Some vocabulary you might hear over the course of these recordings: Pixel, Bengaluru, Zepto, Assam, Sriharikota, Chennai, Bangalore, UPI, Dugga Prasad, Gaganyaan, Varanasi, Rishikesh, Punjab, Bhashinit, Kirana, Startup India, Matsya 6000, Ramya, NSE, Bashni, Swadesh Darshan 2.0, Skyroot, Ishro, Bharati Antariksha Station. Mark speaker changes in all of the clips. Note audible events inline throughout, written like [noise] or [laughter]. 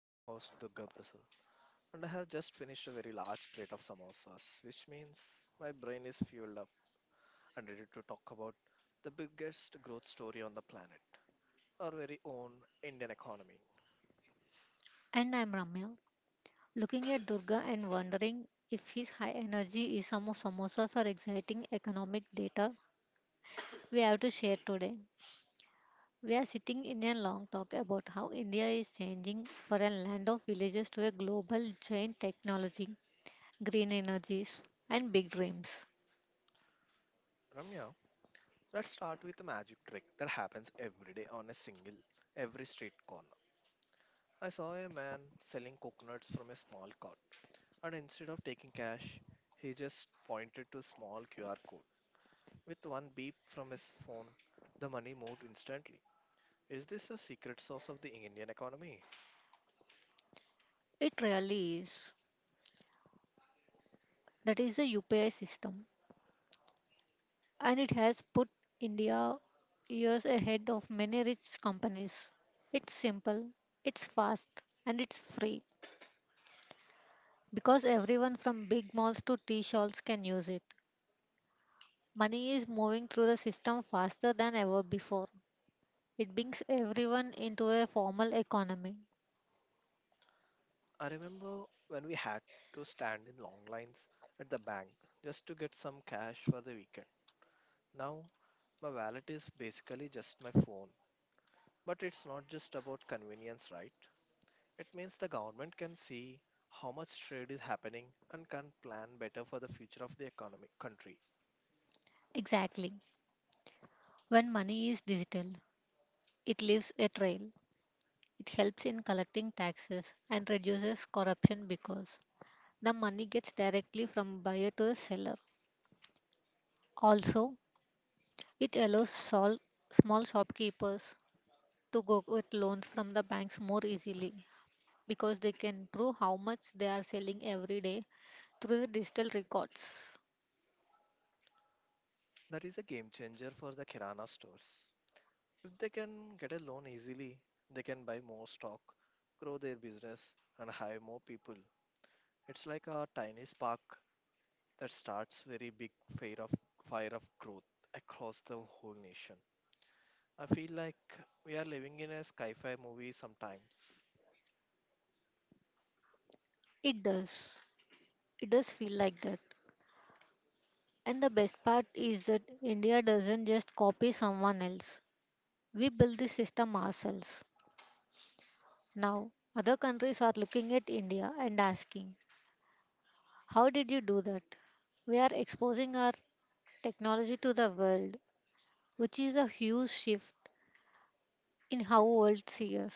Speaker 1: I'm your host Dugga Prasad and I have just finished a very large plate of samosas, which means my brain is fueled up and ready to talk about the biggest growth story on the planet, our very own Indian economy.
Speaker 2: And I'm Ramya, looking at Durga and wondering if his high energy is some of samosas or exciting economic data we have to share today. We are sitting in a long talk about how India is changing for a land of villages to a global giant technology, green energies, and big dreams.
Speaker 1: Ramya, let's start with a magic trick that happens every day on a single every street corner. I saw a man selling coconuts from a small cart and instead of taking cash, he just pointed to a small QR code. With one beep from his phone, the money moved instantly. Is this a secret sauce of the Indian economy?
Speaker 2: It really is. That is the UPI system, and it has put India years ahead of many rich companies. It's simple, it's fast, and it's free. Because everyone from big malls to tea shops can use it. Money is moving through the system faster than ever before. It brings everyone into a formal economy.
Speaker 1: I remember when we had to stand in long lines at the bank just to get some cash for the weekend. Now, my wallet is basically just my phone. But it's not just about convenience, right? It means the government can see how much trade is happening and can plan better for the future of the economy country.
Speaker 2: Exactly. When money is digital, it leaves a trail. It helps in collecting taxes and reduces corruption because the money gets directly from buyer to the seller. Also, it allows small shopkeepers to go get loans from the banks more easily, because they can prove how much they are selling every day through the digital records.
Speaker 1: That is a game changer for the Kirana stores. If they can get a loan easily, they can buy more stock, grow their business, and hire more people. It's like a tiny spark that starts very big fire of fire of growth across the whole nation. I feel like we are living in a sci-fi movie sometimes.
Speaker 2: It does. It does feel like that. And the best part is that India doesn't just copy someone else. We build the system ourselves. Now, other countries are looking at India and asking, "How did you do that?" We are exposing our technology to the world, which is a huge shift in how world sees us.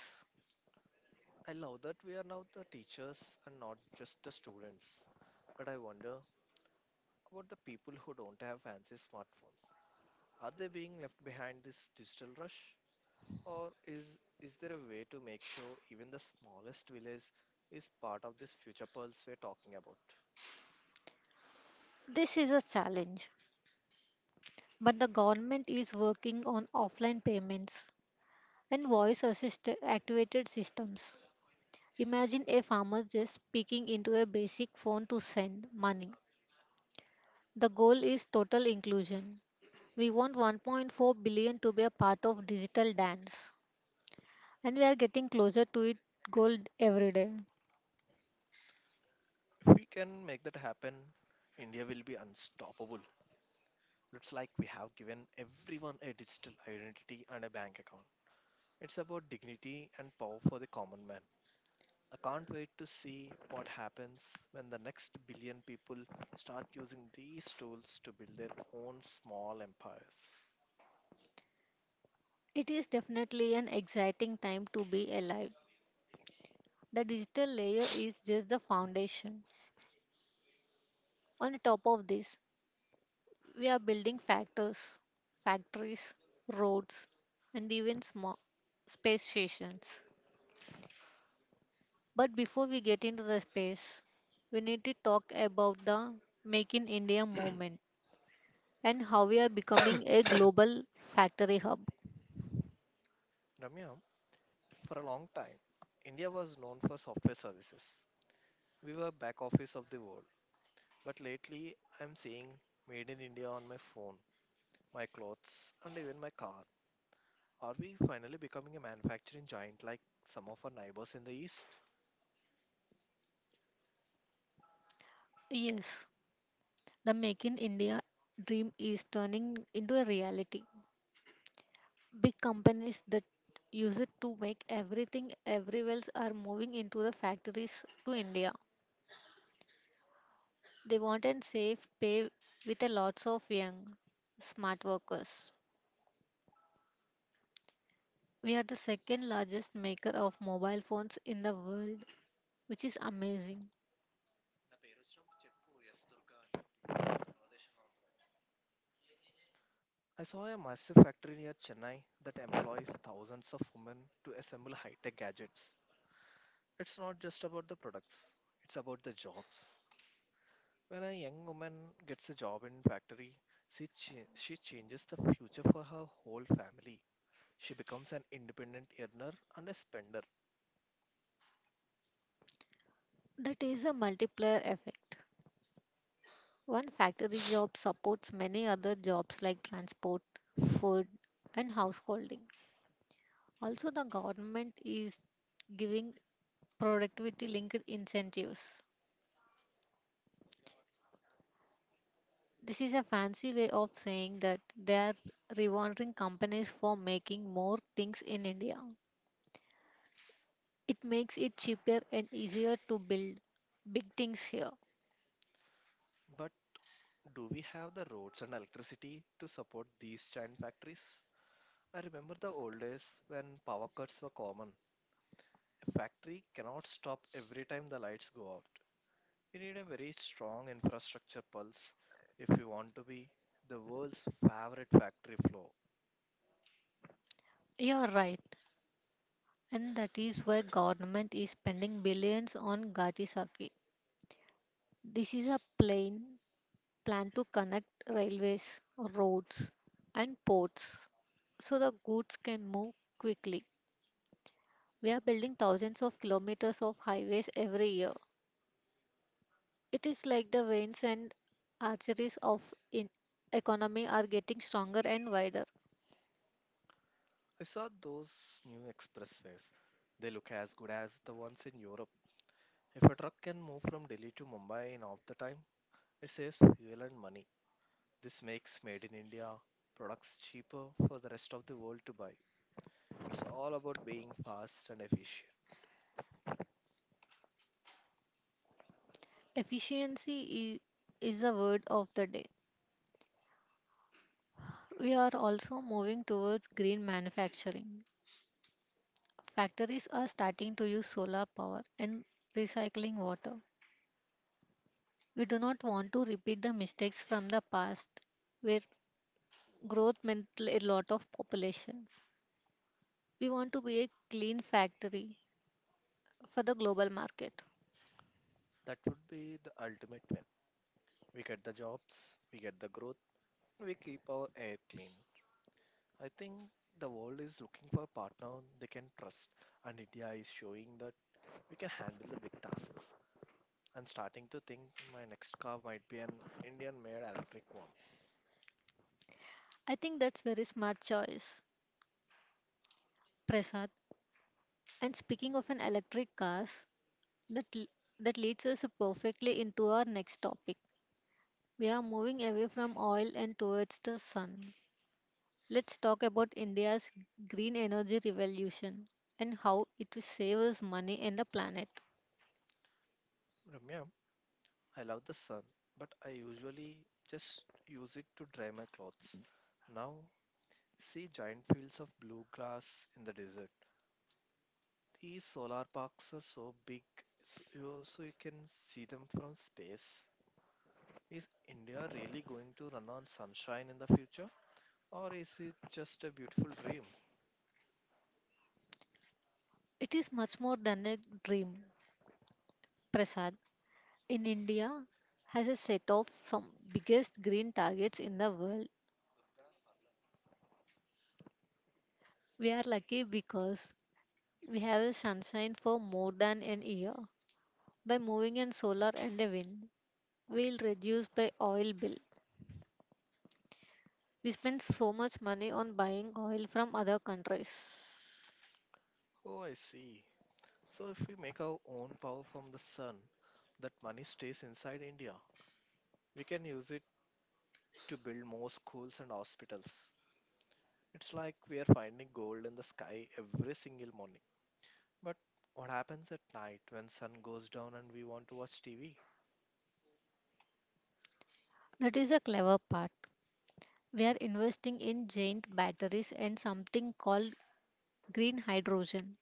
Speaker 1: I love that we are now the teachers and not just the students. But I wonder about the people who don't have fancy smartphones. Are they being left behind this digital rush? Or is there a way to make sure even the smallest village is part of this future pulse we're talking about?
Speaker 2: This is a challenge, but the government is working on offline payments and voice assist activated systems. Imagine a farmer just speaking into a basic phone to send money. The goal is total inclusion. We want 1.4 billion to be a part of digital dance, and we are getting closer to it Gold every day.
Speaker 1: If we can make that happen, India will be unstoppable. Looks like we have given everyone a digital identity and a bank account. It's about dignity and power for the common man. I can't wait to see what happens when the next billion people start using these tools to build their own small empires.
Speaker 2: It is definitely an exciting time to be alive. The digital layer is just the foundation. On top of this, we are building factories, roads, and even small space stations. But before we get into the space, we need to talk about the Make in India movement and how we are becoming a global factory hub.
Speaker 1: Ramya, for a long time, India was known for software services. We were back office of the world. But lately, I'm seeing made in India on my phone, my clothes, and even my car. Are we finally becoming a manufacturing giant like some of our neighbors in the east?
Speaker 2: Yes, the Make in India dream is turning into a reality. Big companies that use it to make everything everywhere else are moving into the factories to India. They want a safe pay with a lots of young, smart workers. We are the second largest maker of mobile phones in the world, which is amazing.
Speaker 1: I saw a massive factory near Chennai that employs thousands of women to assemble high tech gadgets. It's not just about the products, it's about the jobs. When a young woman gets a job in factory, she changes the future for her whole family. She becomes an independent earner and a spender.
Speaker 2: That is a multiplier effect. One factory job supports many other jobs like transport, food, and householding. Also, the government is giving productivity linked incentives. This is a fancy way of saying that they are rewarding companies for making more things in India. It makes it cheaper and easier to build big things here.
Speaker 1: But do we have the roads and electricity to support these giant factories? I remember the old days when power cuts were common. A factory cannot stop every time the lights go out. We need a very strong infrastructure pulse if we want to be the world's favorite factory floor.
Speaker 2: You're right. And that is why government is spending billions on Gati. This is a plain plan to connect railways, roads and ports so the goods can move quickly. We are building thousands of kilometers of highways every year. It is like the veins and arteries of in economy are getting stronger and wider.
Speaker 1: I saw those new expressways. They look as good as the ones in Europe. If a truck can move from Delhi to Mumbai in half the time, it saves fuel and money. This makes made in India products cheaper for the rest of the world to buy. It's all about being fast and efficient.
Speaker 2: Efficiency i- is the word of the day. We are also moving towards green manufacturing. Factories are starting to use solar power and recycling water. We do not want to repeat the mistakes from the past where growth meant a lot of population. We want to be a clean factory for the global market.
Speaker 1: That would be the ultimate win. We get the jobs, we get the growth, we keep our air clean. I think the world is looking for a partner they can trust, and India is showing that we can handle the big tasks. I'm starting to think my next car might be an Indian made electric one.
Speaker 2: I think that's very smart choice, Prasad. And speaking of an electric cars, that that leads us perfectly into our next topic. We are moving away from oil and towards the sun. Let's talk about India's green energy revolution and how it will save us money and the planet.
Speaker 1: Ramya, I love the sun, but I usually just use it to dry my clothes. Now, see giant fields of blue grass in the desert. These solar parks are so big, so you can see them from space. Is India really going to run on sunshine in the future? Or is it just a beautiful dream?
Speaker 2: It is much more than a dream. Prasad, in India has a set of some biggest green targets in the world. We are lucky because we have a sunshine for more than an year. By moving in solar and a wind, we'll reduce by oil bill. We spend so much money on buying oil from other countries.
Speaker 1: Oh, I see. So, if we make our own power from the sun, that money stays inside India. We can use it to build more schools and hospitals. It's like we are finding gold in the sky every single morning. But what happens at night when sun goes down and we want to watch TV?
Speaker 2: That is a clever part. We are investing in giant batteries and something called green hydrogen.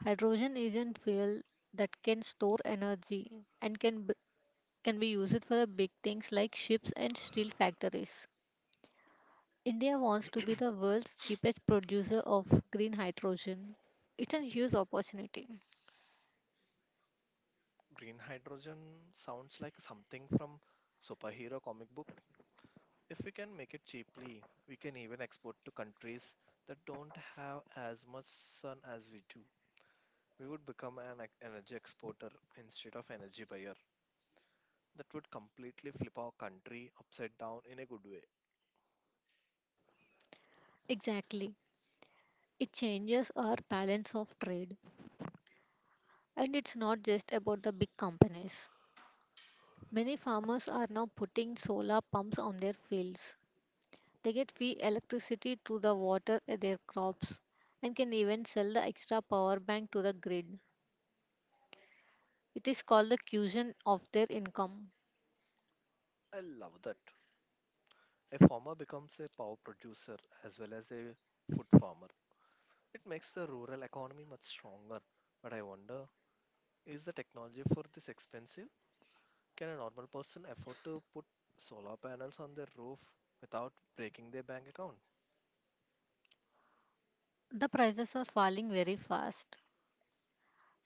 Speaker 2: Hydrogen is an fuel that can store energy and can be used for the big things like ships and steel factories. India wants to be the world's cheapest producer of green hydrogen. It's a huge opportunity.
Speaker 1: Green hydrogen sounds like something from superhero comic book. If we can make it cheaply, we can even export to countries that don't have as much sun as we do. We would become an energy exporter instead of energy buyer. That would completely flip our country upside down in a good way.
Speaker 2: Exactly. It changes our balance of trade and it's not just about the big companies. Many farmers are now putting solar pumps on their fields. They get free electricity to the water their crops and can even sell the extra power bank to the grid. It is called the cushion of their income.
Speaker 1: I love that. A farmer becomes a power producer as well as a food farmer. It makes the rural economy much stronger. But I wonder, is the technology for this expensive? Can a normal person afford to put solar panels on their roof without breaking their bank account?
Speaker 2: The prices are falling very fast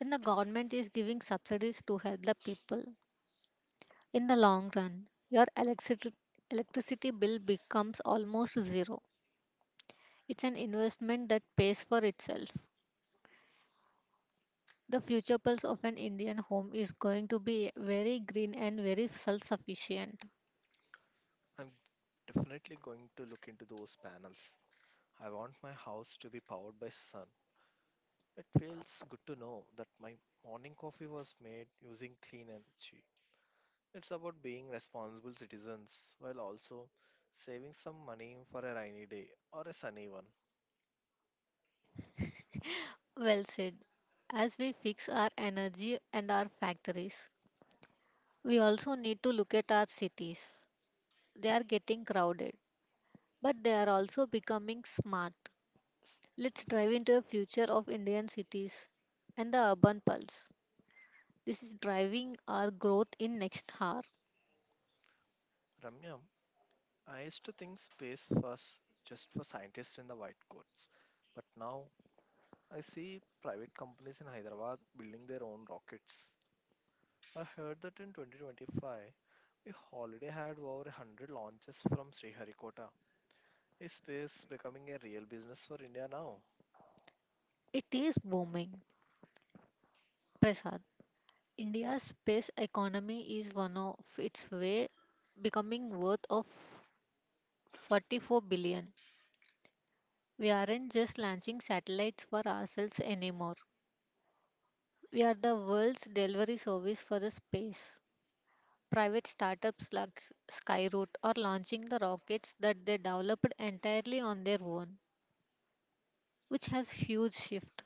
Speaker 2: and the government is giving subsidies to help the people. In the long run, your electricity bill becomes almost zero. It's an investment that pays for itself. The future pulse of an Indian home is going to be very green and very self sufficient.
Speaker 1: I'm definitely going to look into those panels. I want my house to be powered by sun. It feels good to know that my morning coffee was made using clean energy. It's about being responsible citizens while also saving some money for a rainy day or a sunny one.
Speaker 2: Well said. As we fix our energy and our factories, we also need to look at our cities. They are getting crowded, but they are also becoming smart. Let's drive into a future of Indian cities and the urban pulse. This is driving our growth in next hour.
Speaker 1: Ramya, I used to think space was just for scientists in the white coats, but now I see private companies in Hyderabad building their own rockets. I heard that in 2025, we already had over 100 launches from Sriharikota. Is space becoming a real business for India now?
Speaker 2: It is booming. Prasad. India's space economy is one of its way becoming worth of 44 billion. We aren't just launching satellites for ourselves anymore. We are the world's delivery service for the space. Private startups like Skyroot are launching the rockets that they developed entirely on their own, which has huge shift.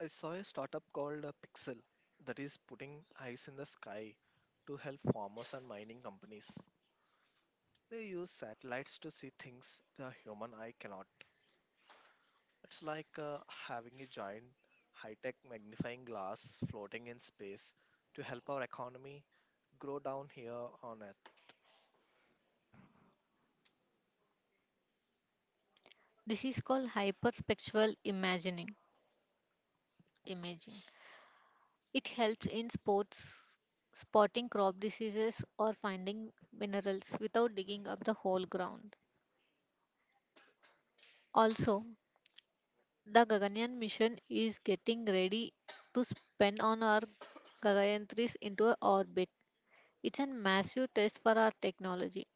Speaker 1: I saw a startup called Pixel that is putting eyes in the sky to help farmers and mining companies. They use satellites to see things the human eye cannot. It's like having a giant high tech magnifying glass floating in space to help our economy grow down here on Earth.
Speaker 2: This is called hyperspectral imagining. imaging. It helps in sports spotting crop diseases or finding minerals without digging up the whole ground. Also, the Gaganyaan mission is getting ready to spin on our Gagayan 3 into a orbit. It's a massive test for our technology,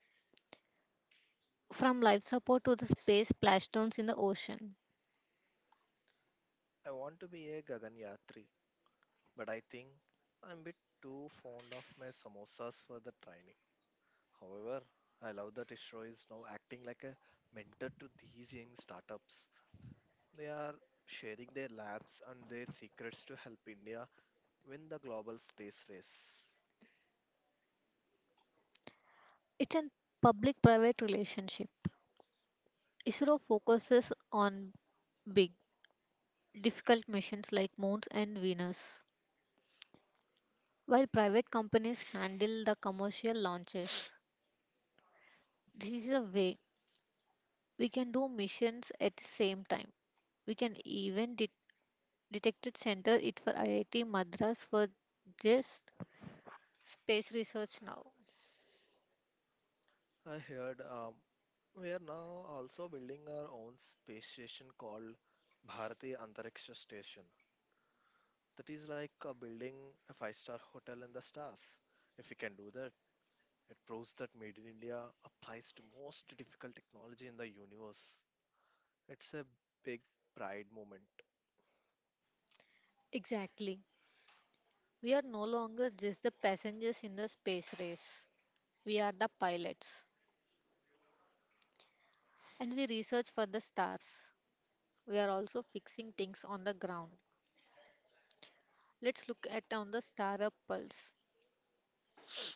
Speaker 2: from life support to the space splashdowns in the ocean.
Speaker 1: I want to be a Gaganyatri, but I think I'm a bit too fond of my samosas for the training. However, I love that Ishro is now acting like a mentor to these young startups. They are sharing their labs and their secrets to help India win the global space race.
Speaker 2: It's a public-private relationship. ISRO focuses on big, difficult missions like moons and Venus, while private companies handle the commercial launches. This is a way we can do missions at the same time. We can even detect it center it for IIT Madras for just space research now.
Speaker 1: I heard we are now also building our own space station called Bharati Antariksha Station. That is like building a five-star hotel in the stars. If we can do that, it proves that Made in India applies to most difficult technology in the universe. It's a big pride moment.
Speaker 2: Exactly. We are no longer just the passengers in the space race. We are the pilots and we research for the stars. We are also fixing things on the ground. Let's look at on the star up pulse.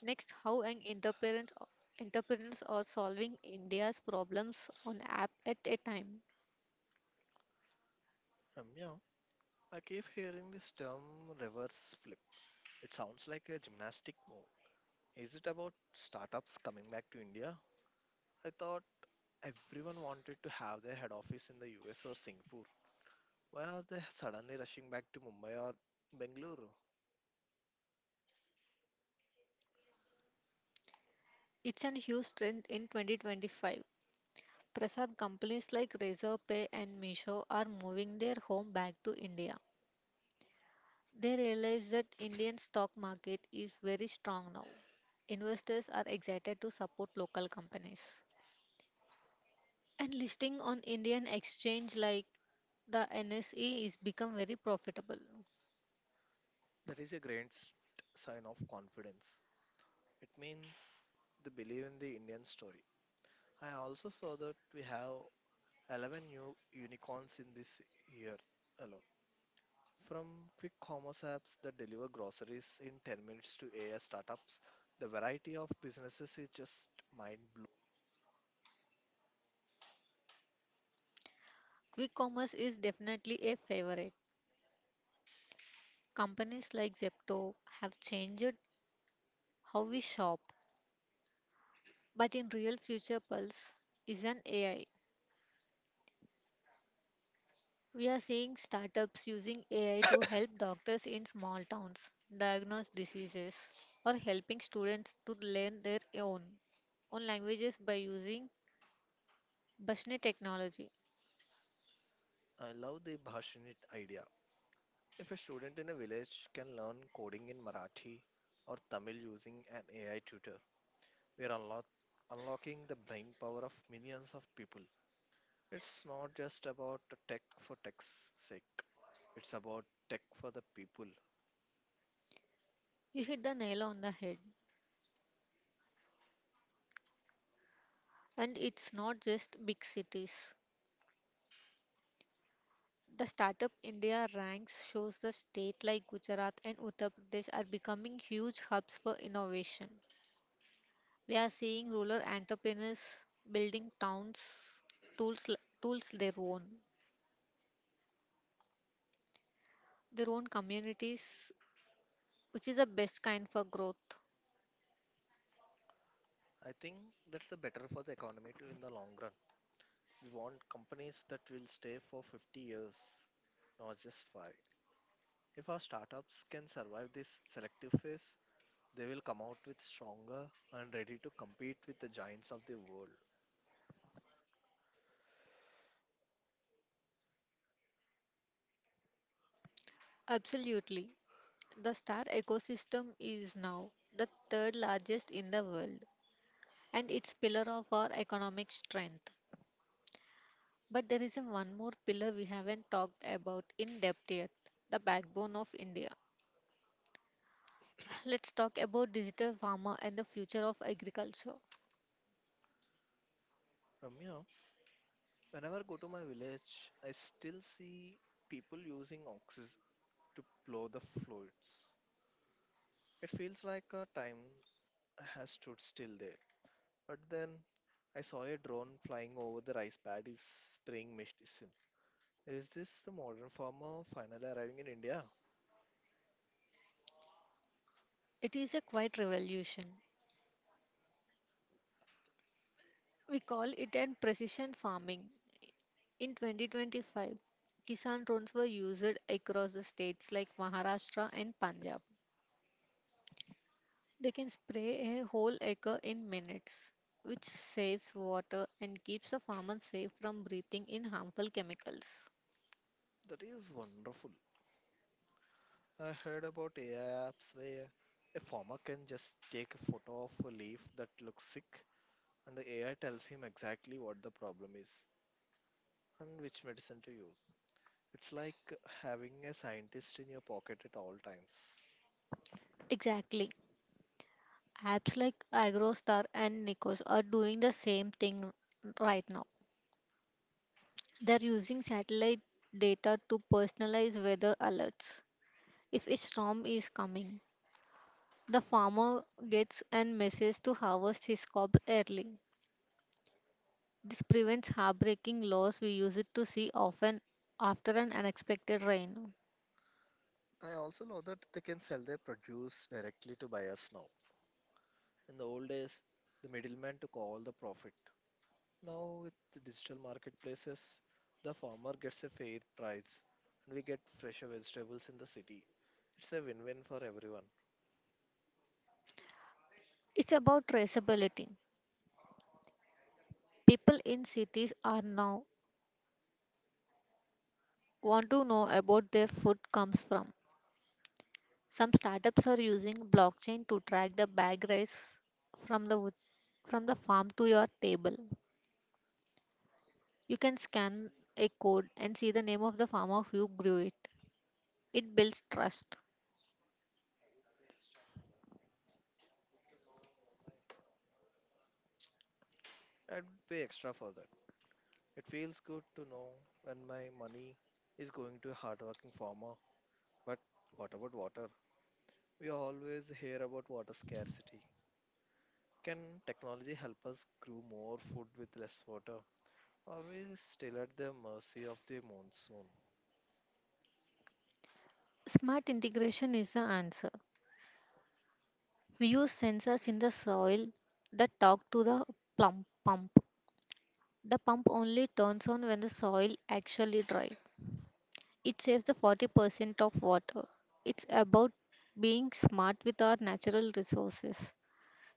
Speaker 2: Next, how an entrepreneurs are solving India's problems on app at a time.
Speaker 1: Ramya, I keep hearing this term reverse flip. It sounds like a gymnastic move. Is it about startups coming back to India? I thought everyone wanted to have their head office in the US or Singapore. Why are they suddenly rushing back to Mumbai or Bengaluru?
Speaker 2: It's an huge trend in 2025. Prasad companies like Razorpay and Misho are moving their home back to India. They realize that Indian stock market is very strong now. Investors are excited to support local companies. And listing on Indian exchange like the NSE is become very profitable.
Speaker 1: That is a sign of confidence. It means they believe in the Indian story. I also saw that we have 11 new unicorns in this year alone. From quick commerce apps that deliver groceries in 10 minutes to AI startups, the variety of businesses is just mind blowing.
Speaker 2: Quick commerce is definitely a favorite. Companies like Zepto have changed how we shop, but in real future pulse is an AI. We are seeing startups using AI to help doctors in small towns diagnose diseases or helping students to learn their own languages by using Bashni technology.
Speaker 1: I love the Bhashinit idea. If a student in a village can learn coding in Marathi or Tamil using an AI tutor, we are unlocking the brain power of millions of people. It's not just about tech for tech's sake, it's about tech for the people.
Speaker 2: You hit the nail on the head. And it's not just big cities. The Startup India ranks shows the state like Gujarat and Uttar Pradesh are becoming huge hubs for innovation. We are seeing rural entrepreneurs building towns tools tools their own communities which is the best kind for growth.
Speaker 1: I think that's the better for the economy too in the long run. We want companies that will stay for 50 years, not just five. If our startups can survive this selective phase, they will come out with stronger and ready to compete with the giants of the world.
Speaker 2: Absolutely. The star ecosystem is now the third largest in the world and it's pillar of our economic strength. But there is a one more pillar we haven't talked about in depth yet, the backbone of India. [sighs] Let's talk about digital pharma and the future of agriculture.
Speaker 1: Ramya, whenever I go to my village, I still see people using oxes to plow the fluids. It feels like our time has stood still there. But then I saw a drone flying over the rice paddies spraying mist. Is this the modern farmer finally arriving in India?
Speaker 2: It is a quiet revolution. We call it an precision farming. In 2025, Kisan drones were used across the states like Maharashtra and Punjab. They can spray a whole acre in minutes, which saves water and keeps the farmer safe from breathing in harmful chemicals.
Speaker 1: That is wonderful. I heard about AI apps where a farmer can just take a photo of a leaf that looks sick and the AI tells him exactly what the problem is and which medicine to use. It's like having a scientist in your pocket at all times.
Speaker 2: Exactly. Apps like Agrostar and Nikos are doing the same thing right now. They're using satellite data to personalize weather alerts. If a storm is coming, the farmer gets a message to harvest his crop early. This prevents heartbreaking loss we used to see often after an unexpected rain.
Speaker 1: I also know that they can sell their produce directly to buyers now. In the old days, the middleman took all the profit. Now, with the digital marketplaces, the farmer gets a fair price and we get fresher vegetables in the city. It's a win win for everyone.
Speaker 2: It's about traceability. People in cities are now want to know about their food comes from. Some startups are using blockchain to track the bag rice from the wood, from the farm to your table. You can scan a code and see the name of the farmer who grew it. It builds trust.
Speaker 1: I'd pay extra for that. It feels good to know when my money is going to a hardworking farmer. But what about water? We always hear about water scarcity. Can technology help us grow more food with less water? Are we still at the mercy of the monsoon?
Speaker 2: Smart integration is the answer. We use sensors in the soil that talk to the plump pump. The pump only turns on when the soil actually dry. It saves the 40% of water. It's about being smart with our natural resources,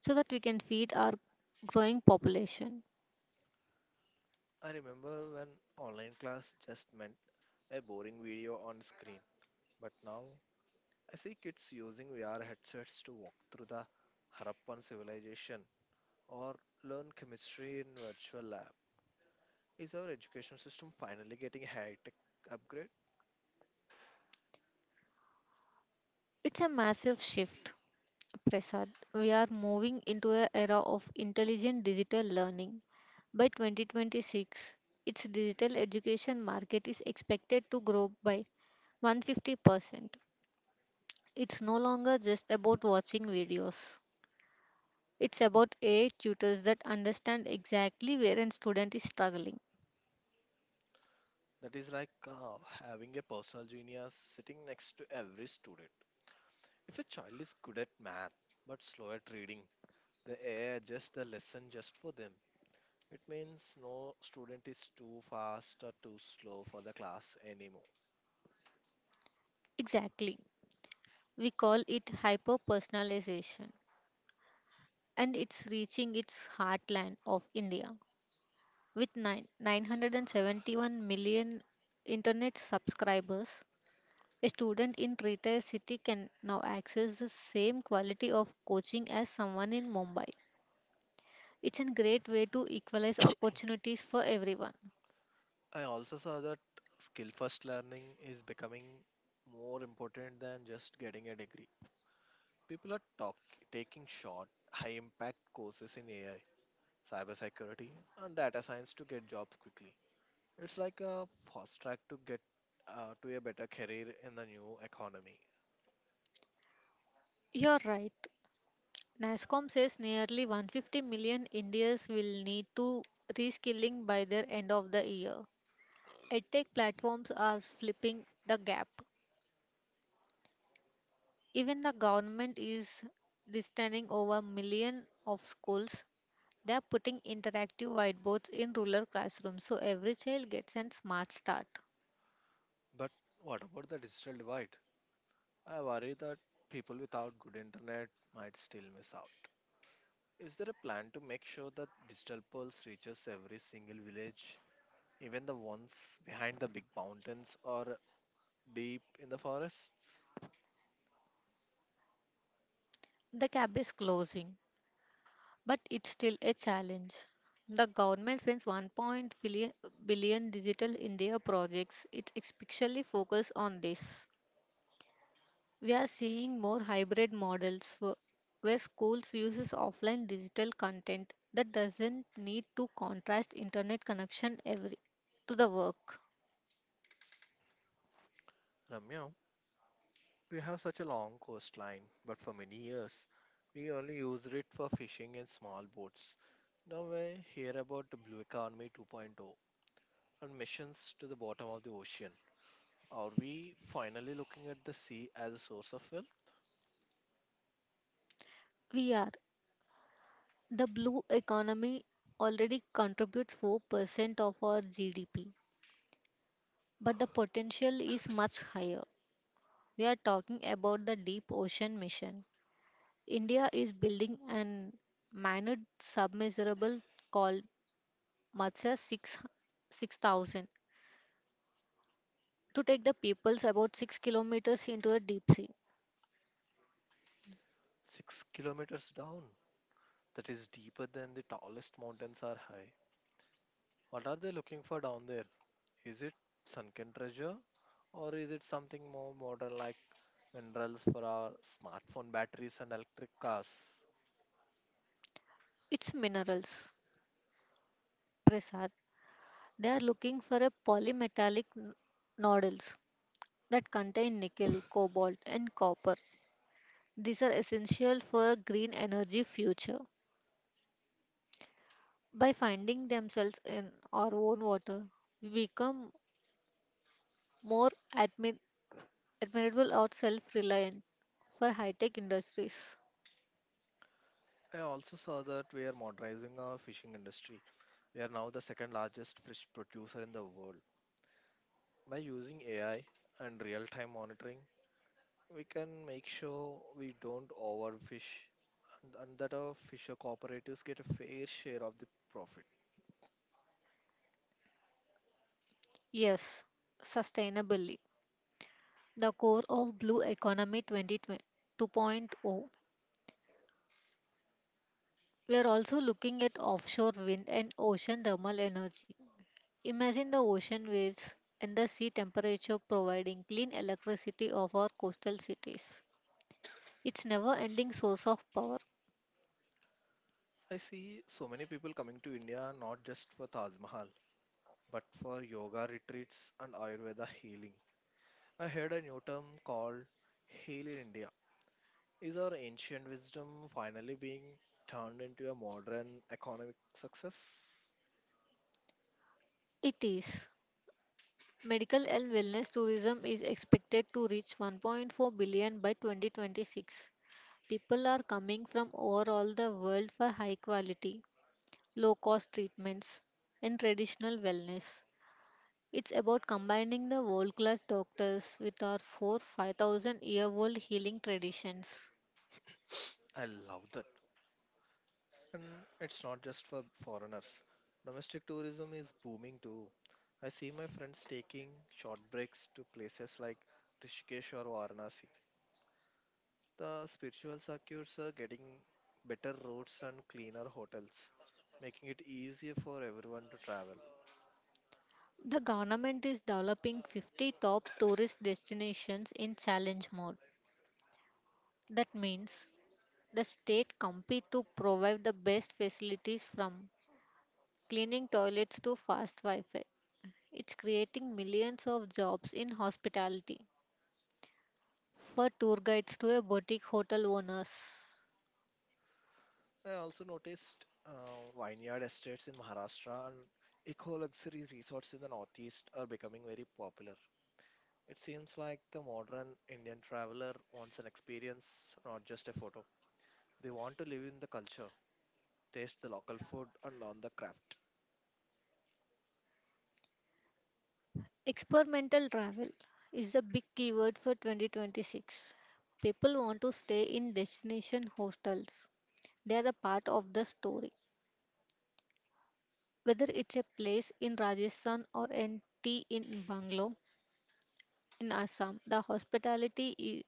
Speaker 2: so that we can feed our growing population.
Speaker 1: I remember when online class just meant a boring video on screen. But now I see kids using VR headsets to walk through the Harappan civilization or learn chemistry in virtual lab. Is our education system finally getting a high-tech upgrade?
Speaker 2: It's a massive shift, Prasad. We are moving into an era of intelligent digital learning. By 2026, its digital education market is expected to grow by 150%. It's no longer just about watching videos. It's about AI tutors that understand exactly where a student is struggling.
Speaker 1: That is like having a personal genius sitting next to every student. If a child is good at math but slow at reading, the AI adjusts the lesson just for them. It means no student is too fast or too slow for the class anymore.
Speaker 2: Exactly. We call it hyper personalization. And it's reaching its heartland of India. With 971 million internet subscribers, a student in Trita city can now access the same quality of coaching as someone in Mumbai. It's a great way to equalize opportunities for everyone.
Speaker 1: I also saw that skill first learning is becoming more important than just getting a degree. People are talk, Taking short, high impact courses in AI, cybersecurity, and data science to get jobs quickly. It's like a fast track to get to a better career in the new economy.
Speaker 2: You're right. NASCOM says nearly 150 million Indians will need to reskilling by their end of the year. EdTech platforms are flipping the gap. Even the government is designing over million of schools. They are putting interactive whiteboards in rural classrooms so every child gets a smart start.
Speaker 1: But what about the digital divide? I worry that people without good internet might still miss out. Is there a plan to make sure that digital pulse reaches every single village, even the ones behind the big mountains or deep in the forests?
Speaker 2: The gap is closing, but it's still a challenge. The government spends 1.5 billion digital India projects. It's especially focused on this. We are seeing more hybrid models where schools uses offline digital content that doesn't need to contrast internet connection every to the work.
Speaker 1: Ramya, we have such a long coastline, but for many years we only used it for fishing and small boats. Now we hear about the Blue Economy 2.0 and missions to the bottom of the ocean. Are we finally looking at the sea as a source of wealth?
Speaker 2: We are the blue economy already contributes 4% of our GDP, but the potential is much higher. We are talking about the deep ocean mission. India is building an manned submersible called Matsya 6 6,000 to take the peoples about 6 kilometers into the deep sea.
Speaker 1: 6 kilometers down. That is deeper than the tallest mountains are high. What are they looking for down there? Is it sunken treasure? Or is it something more modern, like minerals for our smartphone batteries and electric cars?
Speaker 2: It's minerals, Prasad. They are looking for a polymetallic nodules that contain nickel, cobalt, and copper. These are essential for a green energy future. By finding themselves in our own water, we become more admi- admirable or self reliant for high tech industries.
Speaker 1: I also saw that we are modernizing our fishing industry. We are now the second largest fish producer in the world. By using AI and real time monitoring, we can make sure we don't overfish, and that our fisher cooperatives get a fair share of the profit.
Speaker 2: Yes, sustainably. The core of Blue Economy 2020 2.0. two point oh. We are also looking at offshore wind and ocean thermal energy. Imagine the ocean waves and the sea temperature providing clean electricity of our coastal cities. It's never ending source of power.
Speaker 1: I see so many people coming to India not just for Taj Mahal, but for yoga retreats and Ayurveda healing. I heard a new term called heal in India. Is our ancient wisdom finally being turned into a modern economic success?
Speaker 2: It is. Medical and wellness tourism is expected to reach 1.4 billion by 2026. People are coming from over all the world for high quality, low cost treatments, and traditional wellness. It's about combining the world class doctors with our 4 5,000 year old healing traditions.
Speaker 1: I love that. And it's not just for foreigners. Domestic tourism is booming too. I see my friends taking short breaks to places like Rishikesh or Varanasi. The spiritual circuits are getting better routes and cleaner hotels, making it easier for everyone to travel.
Speaker 2: The government is developing 50 top tourist destinations in challenge mode. That means the state compete to provide the best facilities from cleaning toilets to fast Wi-Fi. It's creating millions of jobs in hospitality for tour guides to a boutique hotel owners.
Speaker 1: I also noticed vineyard estates in Maharashtra and eco luxury resorts in the Northeast are becoming very popular. It seems like the modern Indian traveler wants an experience, not just a photo. They want to live in the culture, taste the local food, and learn the craft.
Speaker 2: Experimental travel is the big keyword for 2026. People want to stay in destination hostels. They are the part of the story. Whether it's a place in Rajasthan or an tea in Bangalore in Assam, the hospitality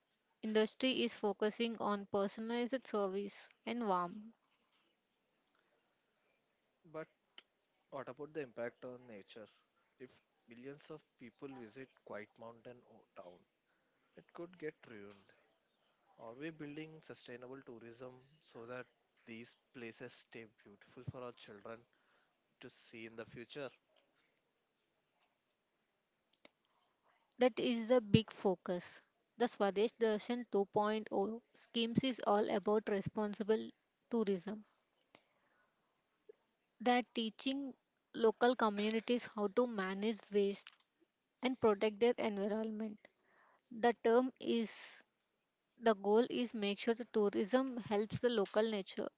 Speaker 2: industry is focusing on personalized service and warmth.
Speaker 1: But what about the impact on nature? If millions of people visit town, it could get ruined. Are we building sustainable tourism so that these places stay beautiful for our children to see in the future?
Speaker 2: That is the big focus. The Swadesh Darshan 2.0 schemes is all about responsible tourism. That teaching local communities how to manage waste and protect their environment. The term is the goal is make sure the tourism helps the local nature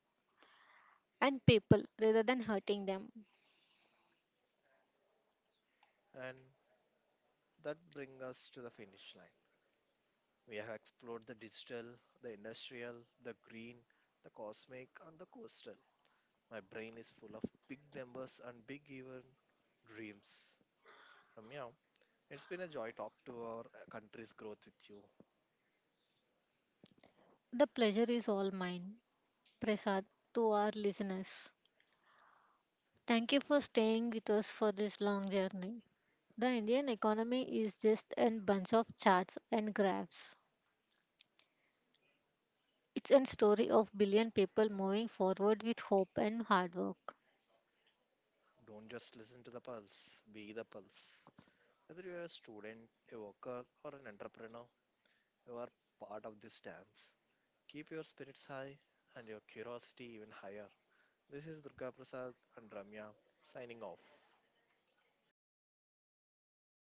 Speaker 2: and people rather than hurting them.
Speaker 1: And that brings us to the finish line. We have explored the digital, the industrial, the green, the cosmic, and the coastal. My brain is full of big numbers and big even dreams. Ramya, it's been a joy talk to our country's growth with you.
Speaker 2: The pleasure is all mine, Prasad, to our listeners. Thank you for staying with us for this long journey. The Indian economy is just a bunch of charts and graphs. It's a story of billion people moving forward with hope and hard work.
Speaker 1: Don't just listen to the pulse, be the pulse. Whether you're a student, a worker, or an entrepreneur, you are part of this dance. Keep your spirits high and your curiosity even higher. This is Durga Prasad and Ramya signing off.